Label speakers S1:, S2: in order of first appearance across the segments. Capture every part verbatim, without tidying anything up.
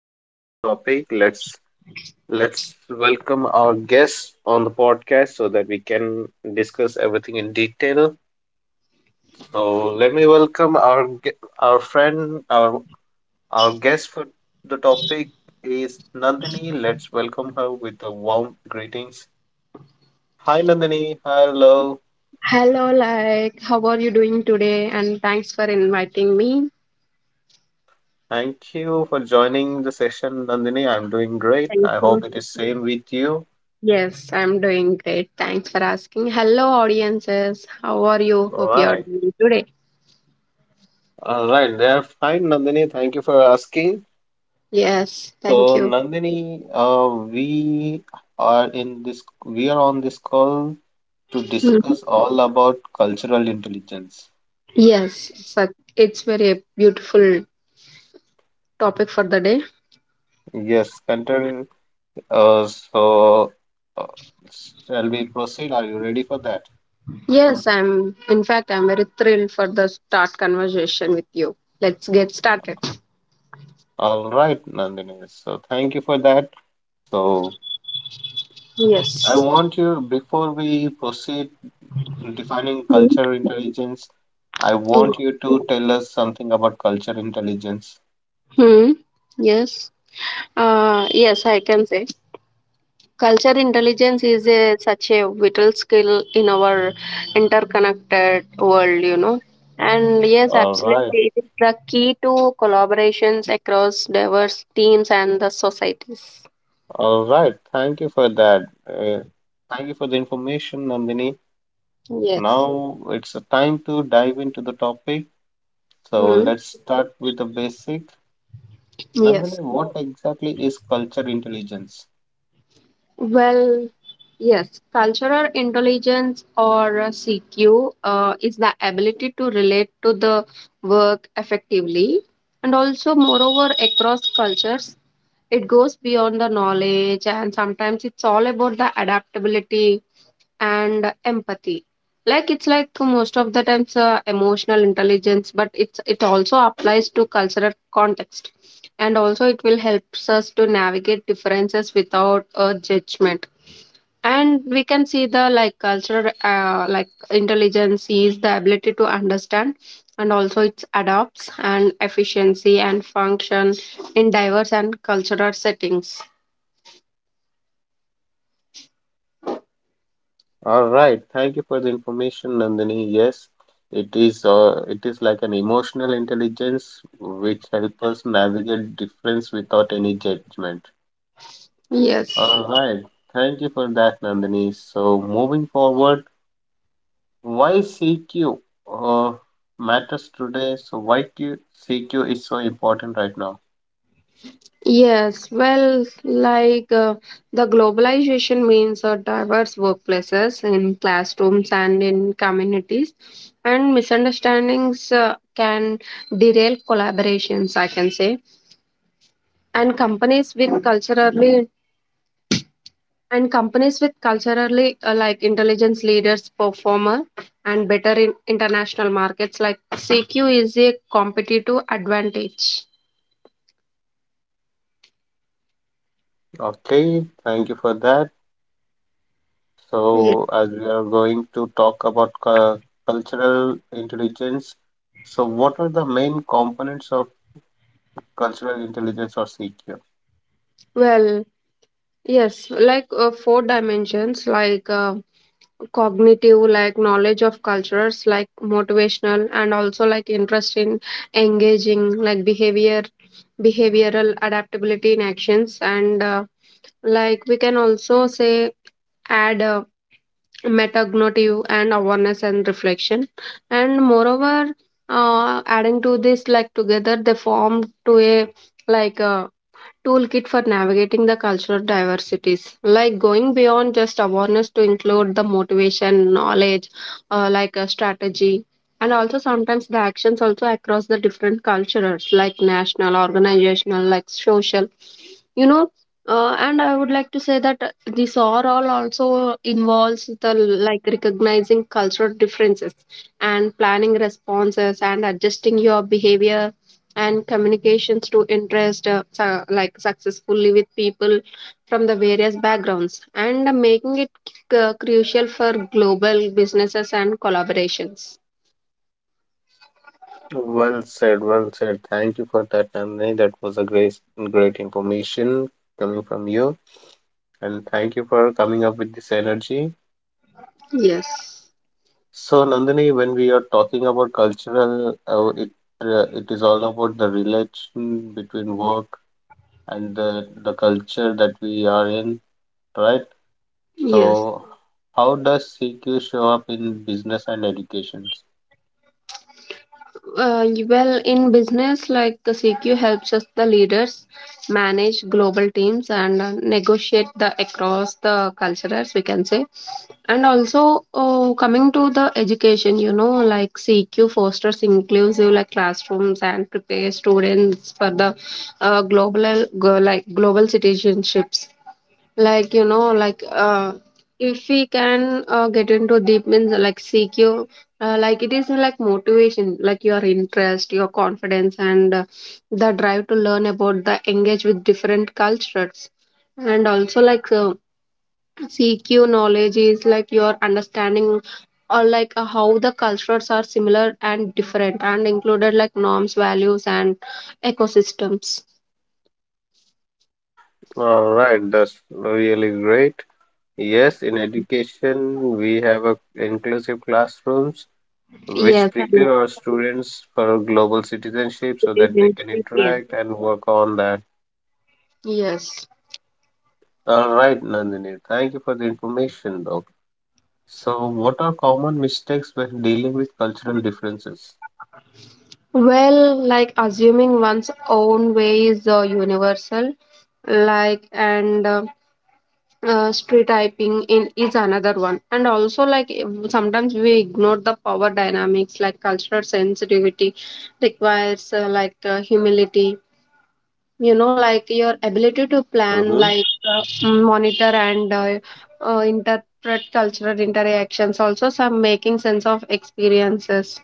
S1: enjoy this topic. Let's let's welcome our guests on the podcast so that we can discuss everything in detail. So, let me welcome our gue- our friend, our our guest for the topic is Nandini. Let's welcome her with a warm greetings. Hi, Nandini. Hello.
S2: Hello, like, how are you doing today? And thanks for inviting me.
S1: Thank you for joining the session, Nandini. I'm doing great.
S2: Thank
S1: I hope
S2: you.
S1: it is same with you.
S2: Yes, I'm doing great. Thanks for asking. Hello, audiences. How are you?
S1: All
S2: Hope you are
S1: right.
S2: doing today.
S1: All right. They're fine, Nandini. Thank you for asking.
S2: Yes, thank
S1: So,
S2: you.
S1: Nandini, uh, we are in this. We are on this call to
S2: Mhm.
S1: discuss all about cultural intelligence.
S2: Yes, it's, a, it's very beautiful topic for the day.
S1: Yes, Kuntal. Uh, so, uh, shall we proceed? Are you ready for that?
S2: Yes, I'm, in fact, I'm very thrilled for the start conversation with you. Let's get started.
S1: All right, Nandini. So, thank you for that. So, I
S2: Yes.
S1: want you, before we proceed, defining
S2: Hmm.
S1: culture intelligence. I want you to tell us something about culture intelligence.
S2: Hmm. Yes. Uh, yes, I can say. Culture intelligence is a, such a vital skill in our interconnected world, you know. And yes,
S1: All right,
S2: absolutely. It is the key to collaborations across diverse teams and the societies.
S1: all right. Thank you for that. Uh, thank you for the information, Nandini.
S2: Yes.
S1: Now it's a time to dive into the topic. So
S2: Hmm.
S1: let's start with the basic. Nandini,
S2: Yes.
S1: what exactly is culture intelligence?
S2: Well, yes. Cultural intelligence or uh, C Q uh, is the ability to relate to the work effectively and also, moreover, across cultures. It goes beyond the knowledge, and sometimes it's all about the adaptability and empathy. Like it's like most of the times uh, emotional intelligence, but it's it also applies to cultural context, and also it will helps us to navigate differences without a judgment. And we can see the like cultural uh, like intelligence is the ability to understand, and also it adapts and efficiency and function in diverse and cultural settings.
S1: All right, thank you for the information, Nandini. Yes, it is uh, it is like an emotional intelligence which helps us navigate difference without any judgment.
S2: Yes.
S1: All right, thank you for that, Nandini. So moving forward, why C Q uh, matters today? So why Q- C Q is so important right now?
S2: Yes. Well, like uh, the globalization means uh, diverse workplaces in classrooms and in communities and misunderstandings uh, can derail collaborations I can say and companies with culturally And companies with culturally uh, like intelligence leaders performer and better in international markets like C Q is a competitive advantage.
S1: Okay, thank you for that.
S2: Yes.
S1: So, as we are going to talk about cu- cultural intelligence, so what are the main components of cultural intelligence or C Q?
S2: Well, yes, like uh, four dimensions like uh, cognitive, like knowledge of cultures, like motivational, and also like interest in engaging, like behavior, behavioral adaptability in actions, and uh, like we can also say add. Uh, metacognitive and awareness and reflection, and moreover, uh, adding to this like together they form to a like a toolkit for navigating the cultural diversities, like going beyond just awareness to include the motivation knowledge, uh, like a strategy, and also sometimes the actions also across the different cultures like national organizational like social, you know. Uh, and I would like to say that uh, this overall also involves the like recognizing cultural differences and planning responses and adjusting your behavior and communications to interest uh, su- like successfully with people from the various backgrounds, and making it c- crucial for global businesses and collaborations.
S1: Well said, well said. Thank you for that, Nandini. That was a great, great information coming from you, and thank you for coming up with this energy.
S2: Yes.
S1: So, Nandini, when we are talking about cultural, uh, it uh, it is all about the relation between work and the the culture that we are in, right?
S2: Yes.
S1: So, how does C Q show up in business and education?
S2: Uh, well, in business, like the C Q helps us, the leaders, manage global teams and uh, negotiate the across the cultures, we can say. And also, uh, coming to the education, you know, like C Q fosters inclusive like classrooms and prepares students for the uh, global, go- like global citizenships. Like you know like uh if we can uh, get into deep means like CQ, uh, like it is, uh, like motivation, like your interest, your confidence, and uh, the drive to learn about the engage with different cultures. And also like uh, CQ knowledge is like your understanding, or like uh, how the cultures are similar and different, and included like norms, values, and ecosystems.
S1: All right, that's really great. Yes, in education, we have a inclusive classrooms which
S2: Yes, and
S1: prepare our students for global citizenship
S2: it
S1: so
S2: is
S1: that they can
S2: interesting.
S1: interact and work on that.
S2: Yes.
S1: All right, Nandini, thank you for the information though. So, what are common mistakes when dealing with cultural differences?
S2: Well, like assuming one's own way is uh, universal, like and uh, uh, stereotyping in is another one. And also, like ev- sometimes we ignore the power dynamics, like cultural sensitivity requires uh, like uh, humility. You know, like your ability to plan,
S1: Mm-hmm.
S2: like uh, monitor and uh, uh, interpret cultural interactions. Also, some making sense of experiences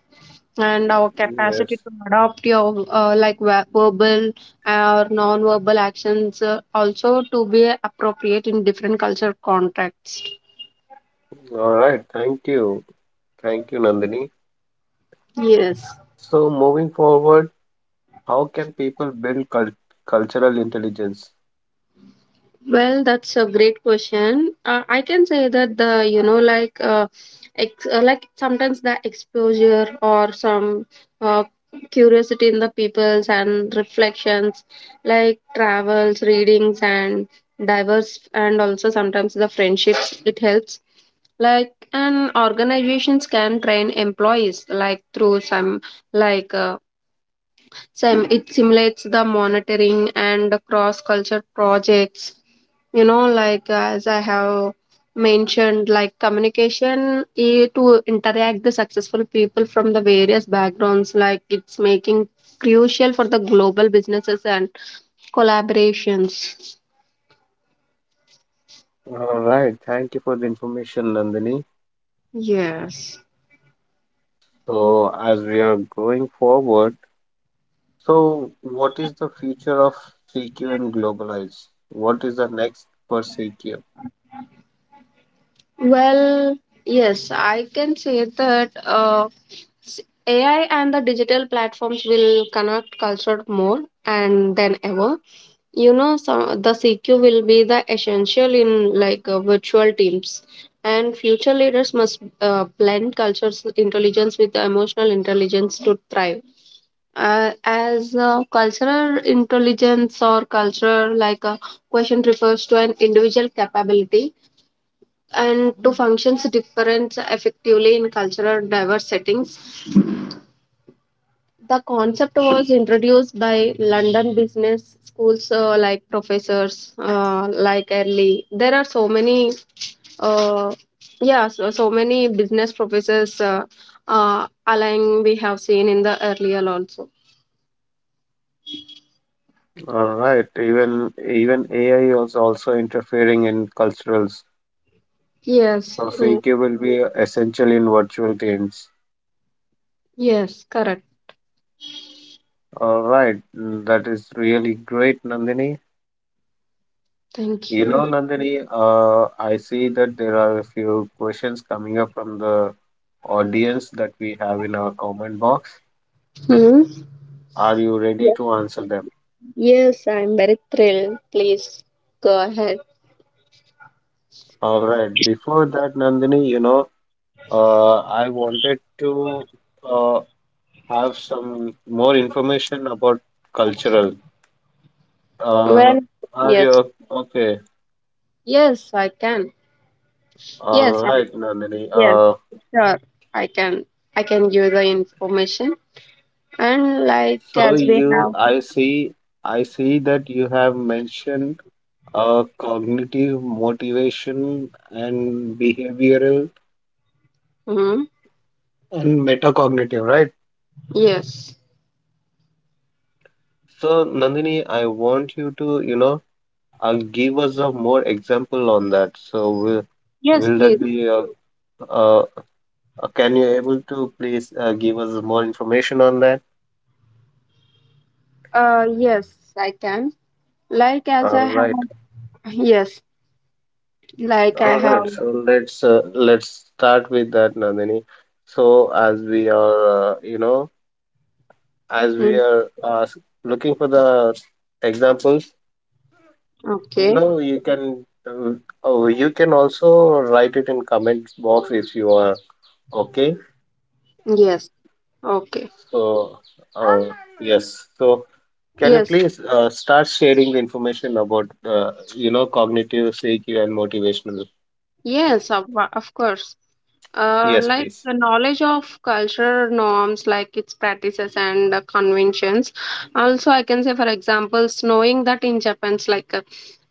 S2: and our capacity
S1: Yes.
S2: to adopt your uh, like ver- verbal or non-verbal actions, uh, also to be appropriate in different culture contexts.
S1: All right, thank you. Thank you, Nandini.
S2: Yes.
S1: So, moving forward, how can people build cul cultural intelligence?
S2: Well, that's a great question. Uh, I can say that the you know like uh, ex- uh, like sometimes the exposure or some uh, curiosity in the peoples and reflections, like travels, readings, and diverse, and also sometimes the friendships it helps. Like and organizations can train employees like through some like uh, Sim- it simulates the monitoring and cross culture projects, you know. Like as I have mentioned, like communication, eh, to interact the successful people from the various backgrounds, like it's making crucial for the global businesses and collaborations.
S1: All right, thank you for the information, Nandini.
S2: Yes.
S1: So, as we are going forward, so what is the future of C Q and globalize? What is the next for C Q?
S2: Well, yes, I can say that uh, s- AI and the digital platforms will connect culture more and than ever, you know. So the CQ will be the essential in like uh, virtual teams, and future leaders must uh, blend cultures intelligence with the emotional intelligence to thrive. Uh, as uh, Cultural intelligence, or cultural like a question, refers to an individual capability and to functions difference effectively in cultural diverse settings. The concept was introduced by London business schools uh, like professors uh, like Early. There are so many, uh, yeah, so, so many business professors, uh, uh, align we have seen in the earlier also.
S1: All right, even even A I is also interfering in culturals.
S2: Yes,
S1: So
S2: true.
S1: C Q will be essential in virtual games.
S2: Yes, correct.
S1: All right, mm, that is really great, Nandini.
S2: Thank
S1: You know,
S2: you.
S1: Nandini, uh, I see that there are a few questions coming up from the audience that we have in our comment box.
S2: Hmm?
S1: Are you ready
S2: Yes.
S1: to answer them?
S2: Yes, I'm very thrilled. Please go ahead.
S1: All right. Before that, Nandini, you know, uh, I wanted to uh, have some more information about cultural. Uh,
S2: Well,
S1: are
S2: yes,
S1: you okay?
S2: yes, I can.
S1: All
S2: Yes, I.
S1: right, Nandini.
S2: Yes,
S1: Uh,
S2: sure. I can I can give the information, and like
S1: so
S2: as we
S1: you,
S2: have.
S1: I see, I see that you have mentioned uh, cognitive, motivation, and behavioral
S2: Hmm.
S1: and metacognitive, right?
S2: Yes.
S1: So, Nandini, I want you to, you know, uh, give us a more example on that. So, will,
S2: Yes,
S1: will that
S2: please.
S1: be, uh, uh, uh, can you able to please uh, give us more information on that?
S2: Uh, yes, I can. Like as
S1: All
S2: I have.
S1: right,
S2: Yes, like I
S1: all
S2: have.
S1: right. So let's uh, let's start with that, Nandini. So, as we are, uh, you know, as we
S2: Mm,
S1: are uh, looking for the examples. You
S2: okay.
S1: know, you can uh, oh, you can also write it in comments box if you are okay.
S2: Yes. Okay.
S1: So, uh, yes. So, can you
S2: Yes.
S1: please uh, start sharing the information about uh, you know cognitive C Q and motivational?
S2: Yes. Of, of course. Uh,
S1: Yes,
S2: like
S1: please.
S2: the knowledge of culture norms, like its practices and uh, conventions. Also, I can say, for examples, knowing that in Japan's like uh,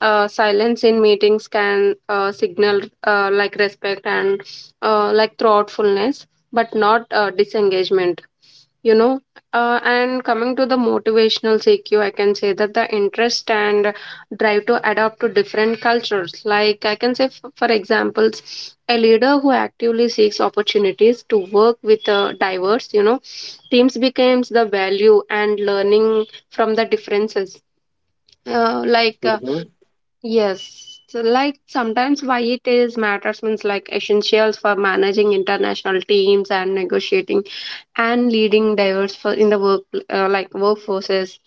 S2: uh, silence in meetings can uh, signal uh, like respect and uh, like thoughtfulness, but not uh, disengagement. You know, uh, and coming to the motivational C Q, I can say that the interest and drive to adapt to different cultures. Like I can say, f- for examples, a leader who actively seeks opportunities to work with uh, diverse, you know, teams becomes the value and learning from the differences. Uh, like uh,
S1: Mm-hmm,
S2: yes, so like sometimes why it is matters means like essentials for managing international teams and negotiating and leading diverse for in the work uh, like workforces,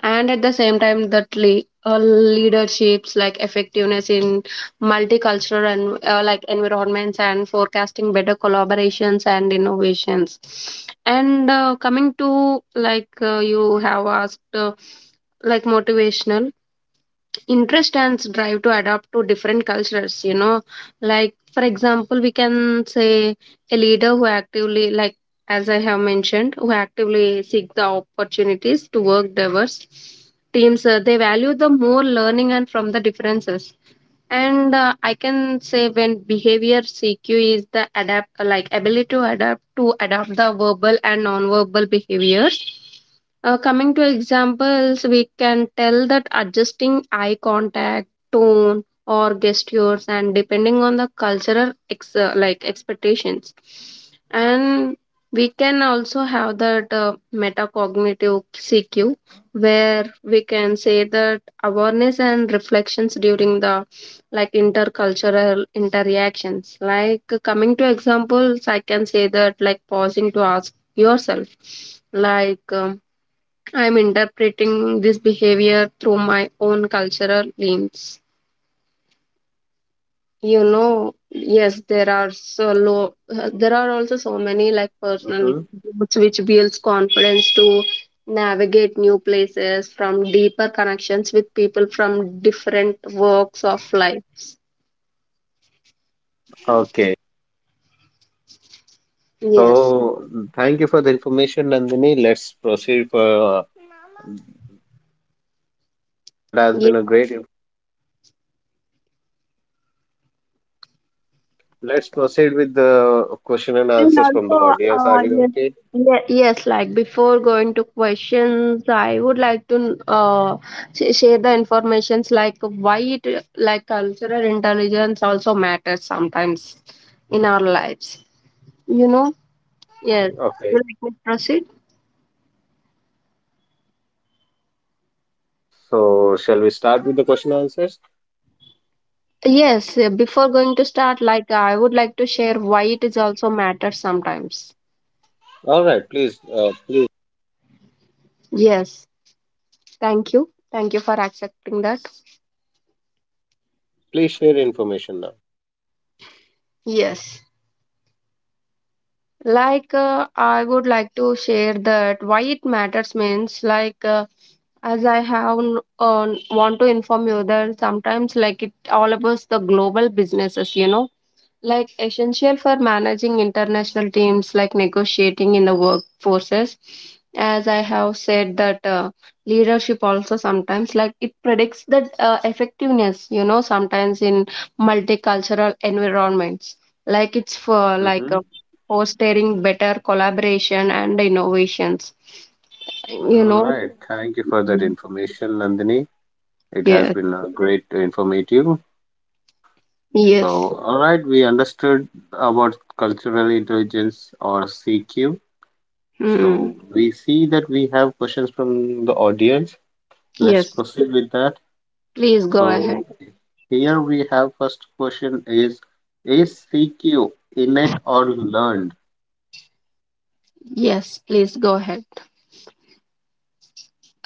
S2: and at the same time that le- uh, leaderships like effectiveness in multicultural and uh, like environments, and forecasting better collaborations and innovations. And uh, coming to like uh, you have asked, uh, like motivational interest and drive to adapt to different cultures, you know. Like for example, we can say a leader who actively like as I have mentioned, who actively seek the opportunities to work diverse teams, uh, they value the more learning and from the differences. And uh, I can say when behavior CQ is the adapt like ability to adapt to adapt the verbal and non-verbal behaviors. Uh, coming to examples, we can tell that adjusting eye contact, tone, or gestures, and depending on the cultural ex- uh, like expectations. And we can also have that uh, metacognitive CQ, where we can say that awareness and reflections during the like intercultural interactions. Like coming to examples, I can say that like pausing to ask yourself, like um, I'm interpreting this behavior through my own cultural lens. You know, yes, there are so low. There are also so many like personal
S1: mm-hmm.
S2: growths which builds confidence to navigate new places from deeper connections with people from different walks of life.
S1: Okay.
S2: Yes.
S1: So, thank you for the information, Nandini. Let's proceed for uh, that has been a great. Let's proceed with the question and
S2: And
S1: answers from the
S2: also,
S1: audience.
S2: uh,
S1: Are you
S2: yes,
S1: okay?
S2: ye- yes, like before going to questions, I would like to uh, sh- share the informations like why it like cultural intelligence also matters sometimes in our lives. You know, yes.
S1: Okay.
S2: Do you like me to proceed?
S1: So, shall we start with the question answers?
S2: Yes. uh, Before going to start, like I would like to share why it is also matters sometimes.
S1: All right, please, uh, please,
S2: Yes. Thank you. Thank you for accepting that.
S1: please share information now.
S2: Yes. like uh, I would like to share that why it matters means like uh, as I have n- uh, want to inform you that sometimes like it all about the global businesses, you know, like essential for managing international teams, like negotiating in the workforces. As I have said that uh, leadership also sometimes like it predicts that uh, effectiveness, you know, sometimes in multicultural environments, like it's for like
S1: Mm-hmm.
S2: uh, fostering better collaboration and innovations, you
S1: All
S2: know.
S1: right, thank you for that information, Nandini. It has
S2: Yes.
S1: been uh, great, uh, informative. So,
S2: Yes.
S1: all right, we understood about cultural intelligence or C Q.
S2: Mm,
S1: So, we see that we have questions from the audience. Let's
S2: yes,
S1: proceed with that.
S2: please go ahead.
S1: So, here we have first question is is C Q innate or learned?
S2: Yes, please go ahead.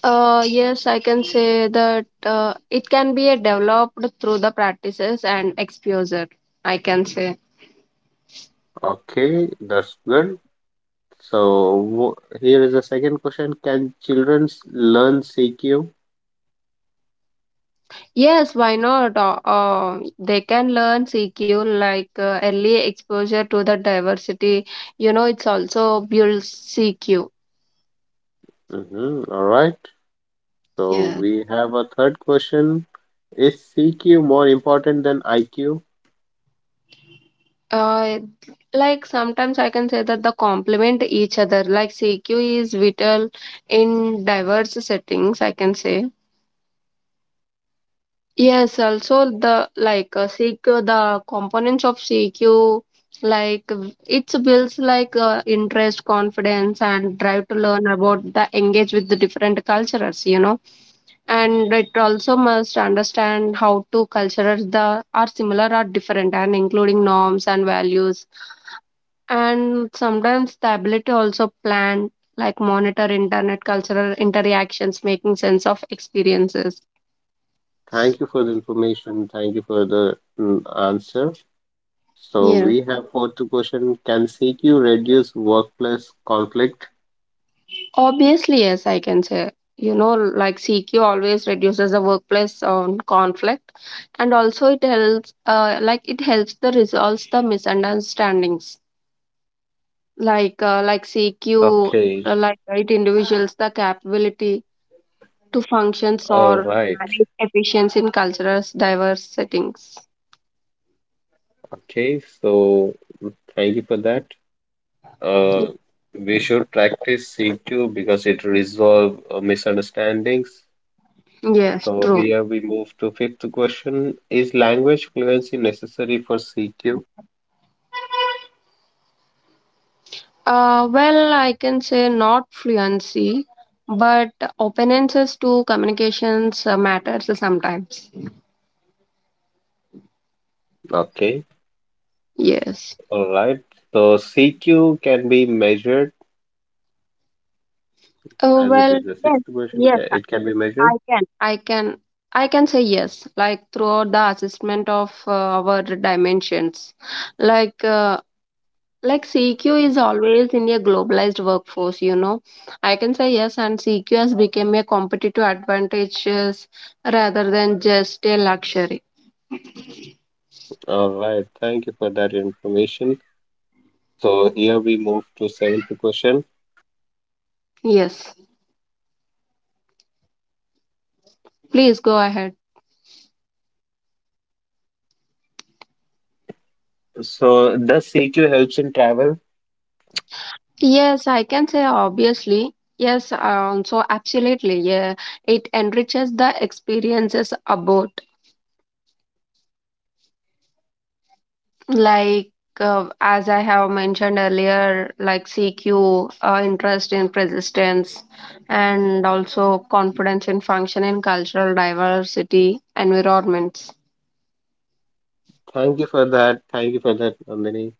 S2: Uh, yes, I can say that uh, it can be a developed through the practices and exposure. I can say.
S1: Okay, that's good. So wh- here is the second question. Can children learn C Q?
S2: Yes, why not? Uh, uh, they can learn C Q like uh, early exposure to the diversity. You know, it's also builds C Q.
S1: Hmm. All right. So
S2: Yeah.
S1: we have a third question. Is C Q more important than I Q?
S2: Uh, like sometimes I can say that the complement each other. Like C Q is vital in diverse settings. I can say. Yes, also the like uh, C Q, the components of C Q, like v- it's builds like uh, interest, confidence, and drive to learn about the engage with the different cultures, you know. And it also must understand how two cultures the are similar or different, and including norms and values. And sometimes the ability also plan, like monitor internet cultural interactions, making sense of experiences.
S1: Thank you for the information. Thank you for the mm, answer. So
S2: Yeah.
S1: we have fourth question. Can C Q reduce workplace conflict?
S2: Obviously, yes, I can say. You know, like C Q always reduces the workplace on conflict, and also it helps. Uh, like it helps the resolves the misunderstandings. Like uh, like C Q,
S1: Okay.
S2: uh, like right individuals the capability to functions
S1: All
S2: or
S1: right.
S2: manage efficiency in cultural diverse settings.
S1: Okay. So thank you for that. Uh, we should practice C Q because it resolve uh, misunderstandings.
S2: Yes,
S1: So
S2: true.
S1: here we move to fifth question. Is language fluency necessary for C Q?
S2: Uh, well, I can say not fluency, but openness to communications uh, matters sometimes.
S1: Okay,
S2: Yes.
S1: all right. So C Q can be measured
S2: Oh
S1: as it
S2: well,
S1: is the
S2: yes,
S1: sixth question.
S2: yes,
S1: ca-
S2: I
S1: It can be measured.
S2: I can. I can I can say yes, like throughout the assessment of uh, our dimensions. Like uh, like C Q is always in a globalized workforce, you know. I can say yes, and C Q has become a competitive advantage rather than just a luxury.
S1: All right. Thank you for that information. So here we move to seventh question.
S2: Yes. Please go ahead.
S1: So does C Q helps in travel?
S2: Yes, I can say obviously. Yes, um, so absolutely. Yeah, it enriches the experiences abroad like uh, as I have mentioned earlier, like CQ, uh, interest in persistence and also confidence in function in cultural diversity environments.
S1: Thank you for that. Thank you for that, Nandini.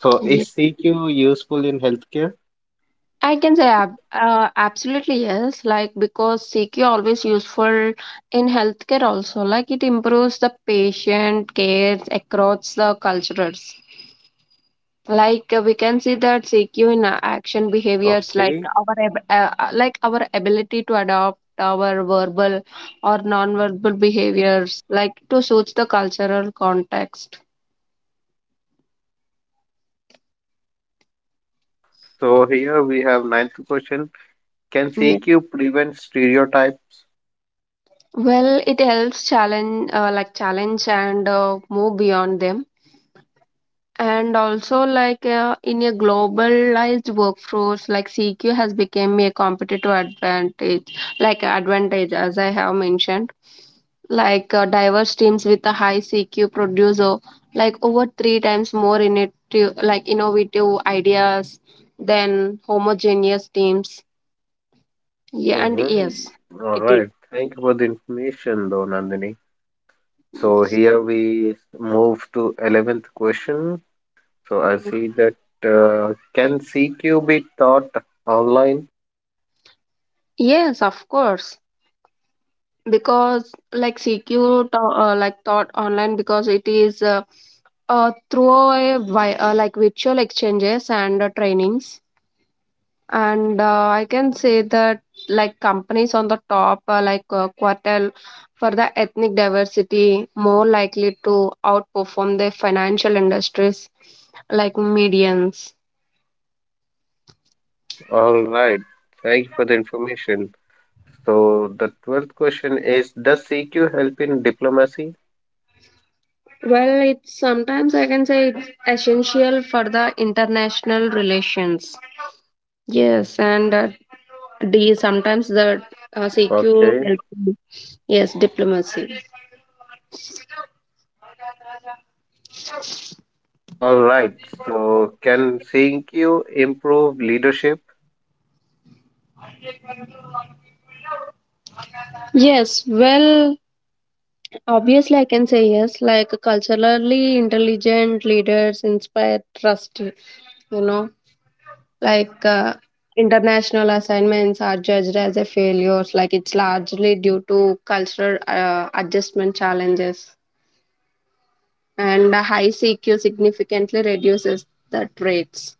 S1: So is
S2: Ye-
S1: C Q useful in healthcare?
S2: I can say ab- uh, absolutely yes, like because CQ always useful in healthcare also, like it improves the patient care across the cultures. Like uh, we can see that CQ in uh, action behaviors, like
S1: Okay.
S2: our ab- uh, uh, like our ability to adopt our verbal or non-verbal behaviors like to suit the cultural context.
S1: So here we have ninth question. Can
S2: Yeah,
S1: C Q prevent stereotypes?
S2: well, it helps challenge, uh, like challenge and uh, move beyond them. And also, like uh, in a globalized workforce, like CQ has become a competitive advantage, like advantage, as I have mentioned. Like uh, diverse teams with a high CQ produce o- like over three times more innovative, like innovative ideas than homogeneous teams. Yeah, and yes,
S1: Mm-hmm. All
S2: it is.
S1: right. Thank you for the information, though, Nandini. So
S2: Mhm.
S1: here we move to eleventh question. So I see that uh, can C Q be taught online?
S2: Yes, of course. Because like C Q to, uh, like thought online because it is, uh, uh, through a, vi- uh, like virtual exchanges and uh, trainings. And uh, I can say that like companies on the top uh, like uh, quartile for the ethnic diversity more likely to outperform the financial industries, like medians.
S1: All right. Thank you for the information. So the twelfth question is: Does C Q help in diplomacy?
S2: Well, it's sometimes, I can say it's essential for the international relations. Yes, and uh, d sometimes the uh, CQ
S1: Okay.
S2: help- yes, diplomacy.
S1: All right. So, can C Q improve leadership?
S2: Yes, well, obviously, I can say yes. Like culturally intelligent leaders inspire trust, you know, like uh, international assignments are judged as a failures. Like it's largely due to cultural uh, adjustment challenges, and a high C Q significantly reduces the traits.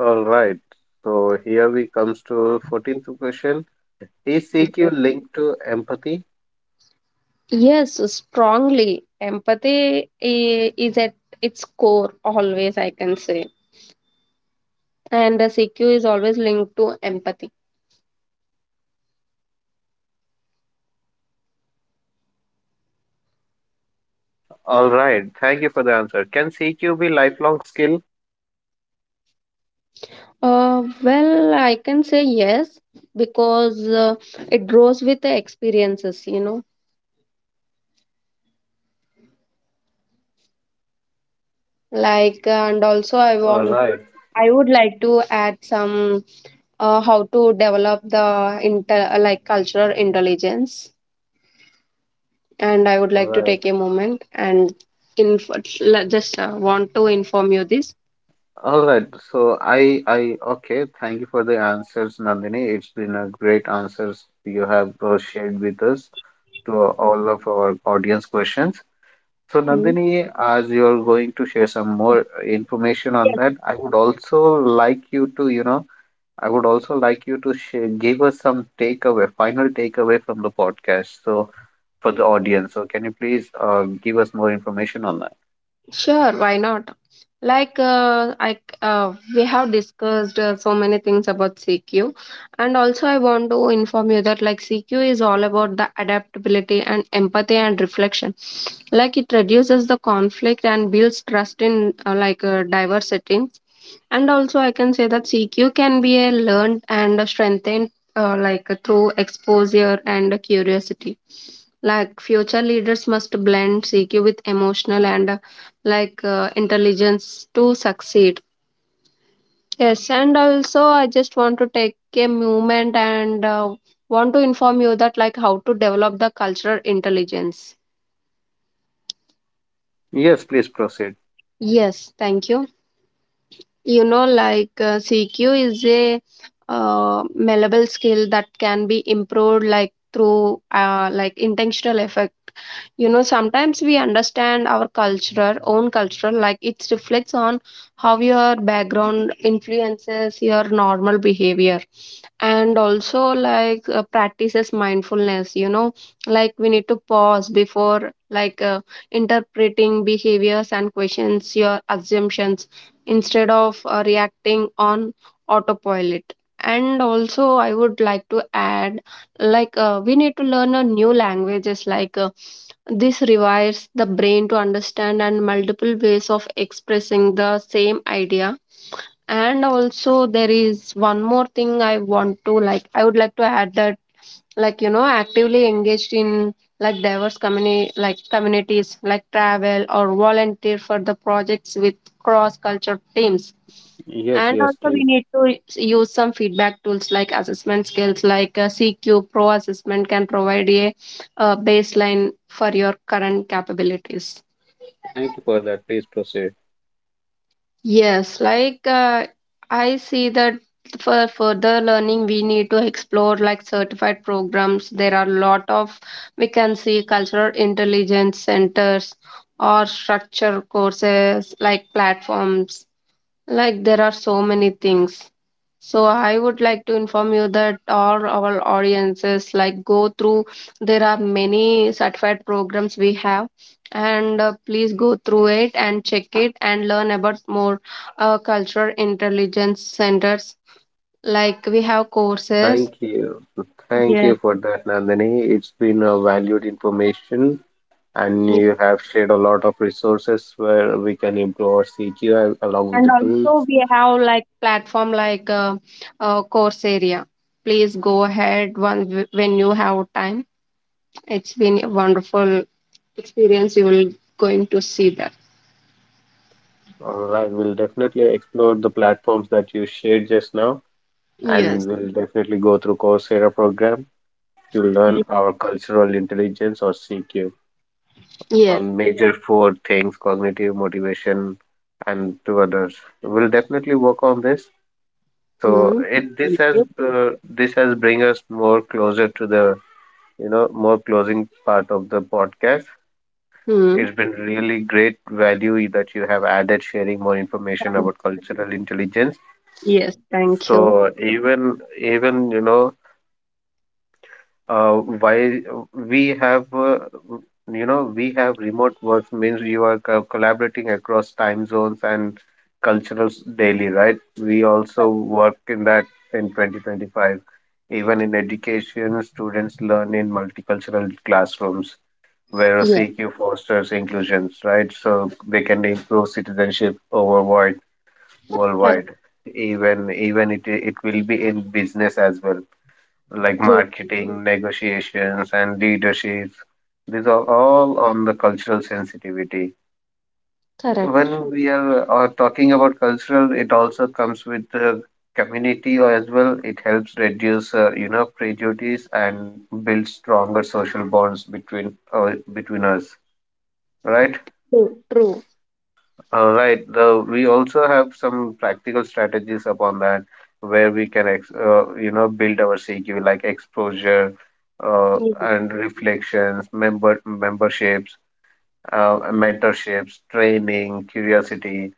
S1: All right. So, here we comes to fourteenth question. Is C Q linked to empathy?
S2: Yes, strongly. Empathy i- is at its core always, I can say. And the C Q is always linked to empathy.
S1: All right. Thank you for the answer. Can C Q be lifelong skill?
S2: Uh, well, I can say yes because uh, it grows with the experiences, you know. Like, uh, and also, I
S1: All
S2: want
S1: right.
S2: I would like to add some, uh, how to develop the inter uh, like cultural intelligence, and I would
S1: All
S2: like to
S1: right.
S2: take a moment and inf- l- just uh, want to inform you this.
S1: All right. So, I, I, okay. Thank you for the answers, Nandini. It's been a great answers you have uh, shared with us to all of our audience questions. So,
S2: Mm.
S1: Nandini, as you're going to share some more information on that, I would also like you to, you know, I would also like you to share, give us some takeaway, final takeaway from the podcast. So, for the audience, so can you please uh, give us more information on that?
S2: Sure, why not? Like uh, I c- uh, we have discussed uh, so many things about C Q, and also I want to inform you that like C Q is all about the adaptability and empathy and reflection. Like it reduces the conflict and builds trust in uh, like uh, diverse settings. And also I can say that C Q can be a learned and a strengthened uh, like uh, through exposure and uh, curiosity. Like future leaders must blend C Q with emotional and like uh, intelligence to succeed. Yes, and also I just want to take a moment and uh, want to inform you that like how to develop the cultural intelligence.
S1: Yes, please proceed.
S2: Yes, thank you. You know, like uh, CQ is a uh, malleable skill that can be improved like through uh, like intentional effect. You know, sometimes we understand our cultural own culture, like it reflects on how your background influences your normal behavior. And also, like uh, practices mindfulness, you know, like we need to pause before like uh, interpreting behaviors and questions your assumptions instead of uh, reacting on autopilot. And also I would like to add, like uh, we need to learn a new languages, like uh, this rewires the brain to understand and multiple ways of expressing the same idea. And also there is one more thing I want to like I would like to add that, like, you know, actively engaged in like diverse community, like communities, like travel or volunteer for the projects with cross culture teams.
S1: Yes,
S2: And
S1: yes,
S2: also we
S1: please.
S2: need to use some feedback tools like assessment skills, like uh, CQ Pro assessment can provide a uh, baseline for your current capabilities.
S1: Thank you for that. Please proceed.
S2: Yes, like uh, I see that for further learning, we need to explore like certified programs. There are a lot of, we can see cultural intelligence centers or structure courses like platforms, like there are so many things. So I would like to inform you that all our audiences, like go through, there are many certified programs we have, and uh, please go through it and check it and learn about more uh, cultural intelligence centers, like we have courses.
S1: Thank you. Thank you
S2: Yes.
S1: for that, Nandini. It's been a valued information, and
S2: Yeah.
S1: you have shared a lot of resources where we can improve our C G I along with
S2: And
S1: the
S2: also
S1: tools.
S2: we have like platform like, uh, uh, Coursera. Please go ahead one when you have time. It's been a wonderful experience, you will going to see that.
S1: All right, we'll definitely explore the platforms that you shared just now,
S2: Yes.
S1: and we'll definitely go through Coursera program to learn our cultural intelligence or C Q
S2: Yes.
S1: on major four things: cognitive, motivation, and two others. We'll definitely work on this. So
S2: Hmm.
S1: it this
S2: Thank
S1: has
S2: you.
S1: uh, this has bring us more closer to the, you know, more closing part of the podcast.
S2: Hmm.
S1: It's been really great value that you have added sharing more information
S2: Thank-
S1: about cultural intelligence.
S2: yes, thank you.
S1: So even even you know uh, why we have uh, you know we have remote work means you are co- collaborating across time zones and cultures daily, right? We also work in that in twenty twenty-five. Even in education, students learn in multicultural classrooms where
S2: Yes.
S1: C Q fosters inclusions, right? So they can improve citizenship overwide,
S2: Correct.
S1: worldwide. Even even it it will be in business as well, like
S2: True.
S1: marketing, negotiations, and leaderships. These are all on the cultural sensitivity.
S2: Correct.
S1: When we are uh, talking about cultural, it also comes with the community as well. It helps reduce, uh, you know, prejudice and build stronger social bonds between uh, between us, right?
S2: True. True.
S1: All right. Though we also have some practical strategies upon that, where we can, ex uh, you know, build our C Q like exposure, uh,
S2: Yes.
S1: and reflections, member memberships, uh, mentorships, training, curiosity.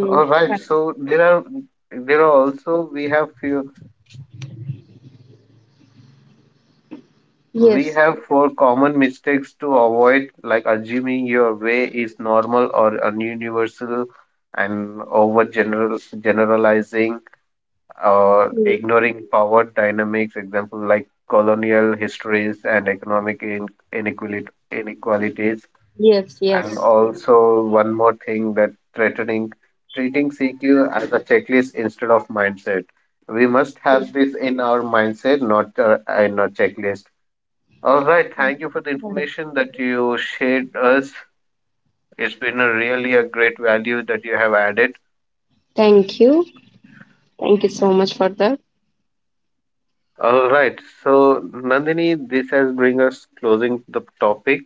S1: All right.
S2: Correct.
S1: So there are there are also we have few we
S2: Yes.
S1: have four common mistakes to avoid, like assuming your way is normal or un- universal, and over general generalizing, uh,
S2: Hmm.
S1: ignoring power dynamics, example like colonial histories and economic in- inequality, inequalities.
S2: Yes. Yes.
S1: And also, one more thing that threatening treating C Q as a checklist instead of mindset. We must
S2: Hmm.
S1: have this in our mindset, not uh, in a checklist. All right, thank you for the
S2: Correct.
S1: information that you shared us. It's been a really a great value that you have added.
S2: Thank you. Thank you so much for that.
S1: All right. So, Nandini, this has bring us closing the topic.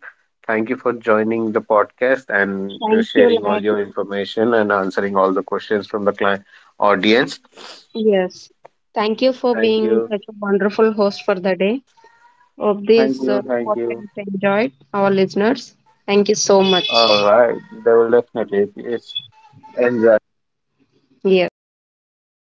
S1: Thank you for joining the podcast and uh,
S2: Thank you,
S1: sharing all
S2: like,
S1: your information and answering all the questions from the client audience.
S2: yes, thank you for
S1: Thank
S2: being
S1: you.
S2: such a wonderful host for the day of
S1: Thank
S2: this uh,
S1: you. Thank you.
S2: podcast. Enjoyed our listeners. Thank you so much.
S1: All right. They will definitely. Please enjoy.
S2: Yes.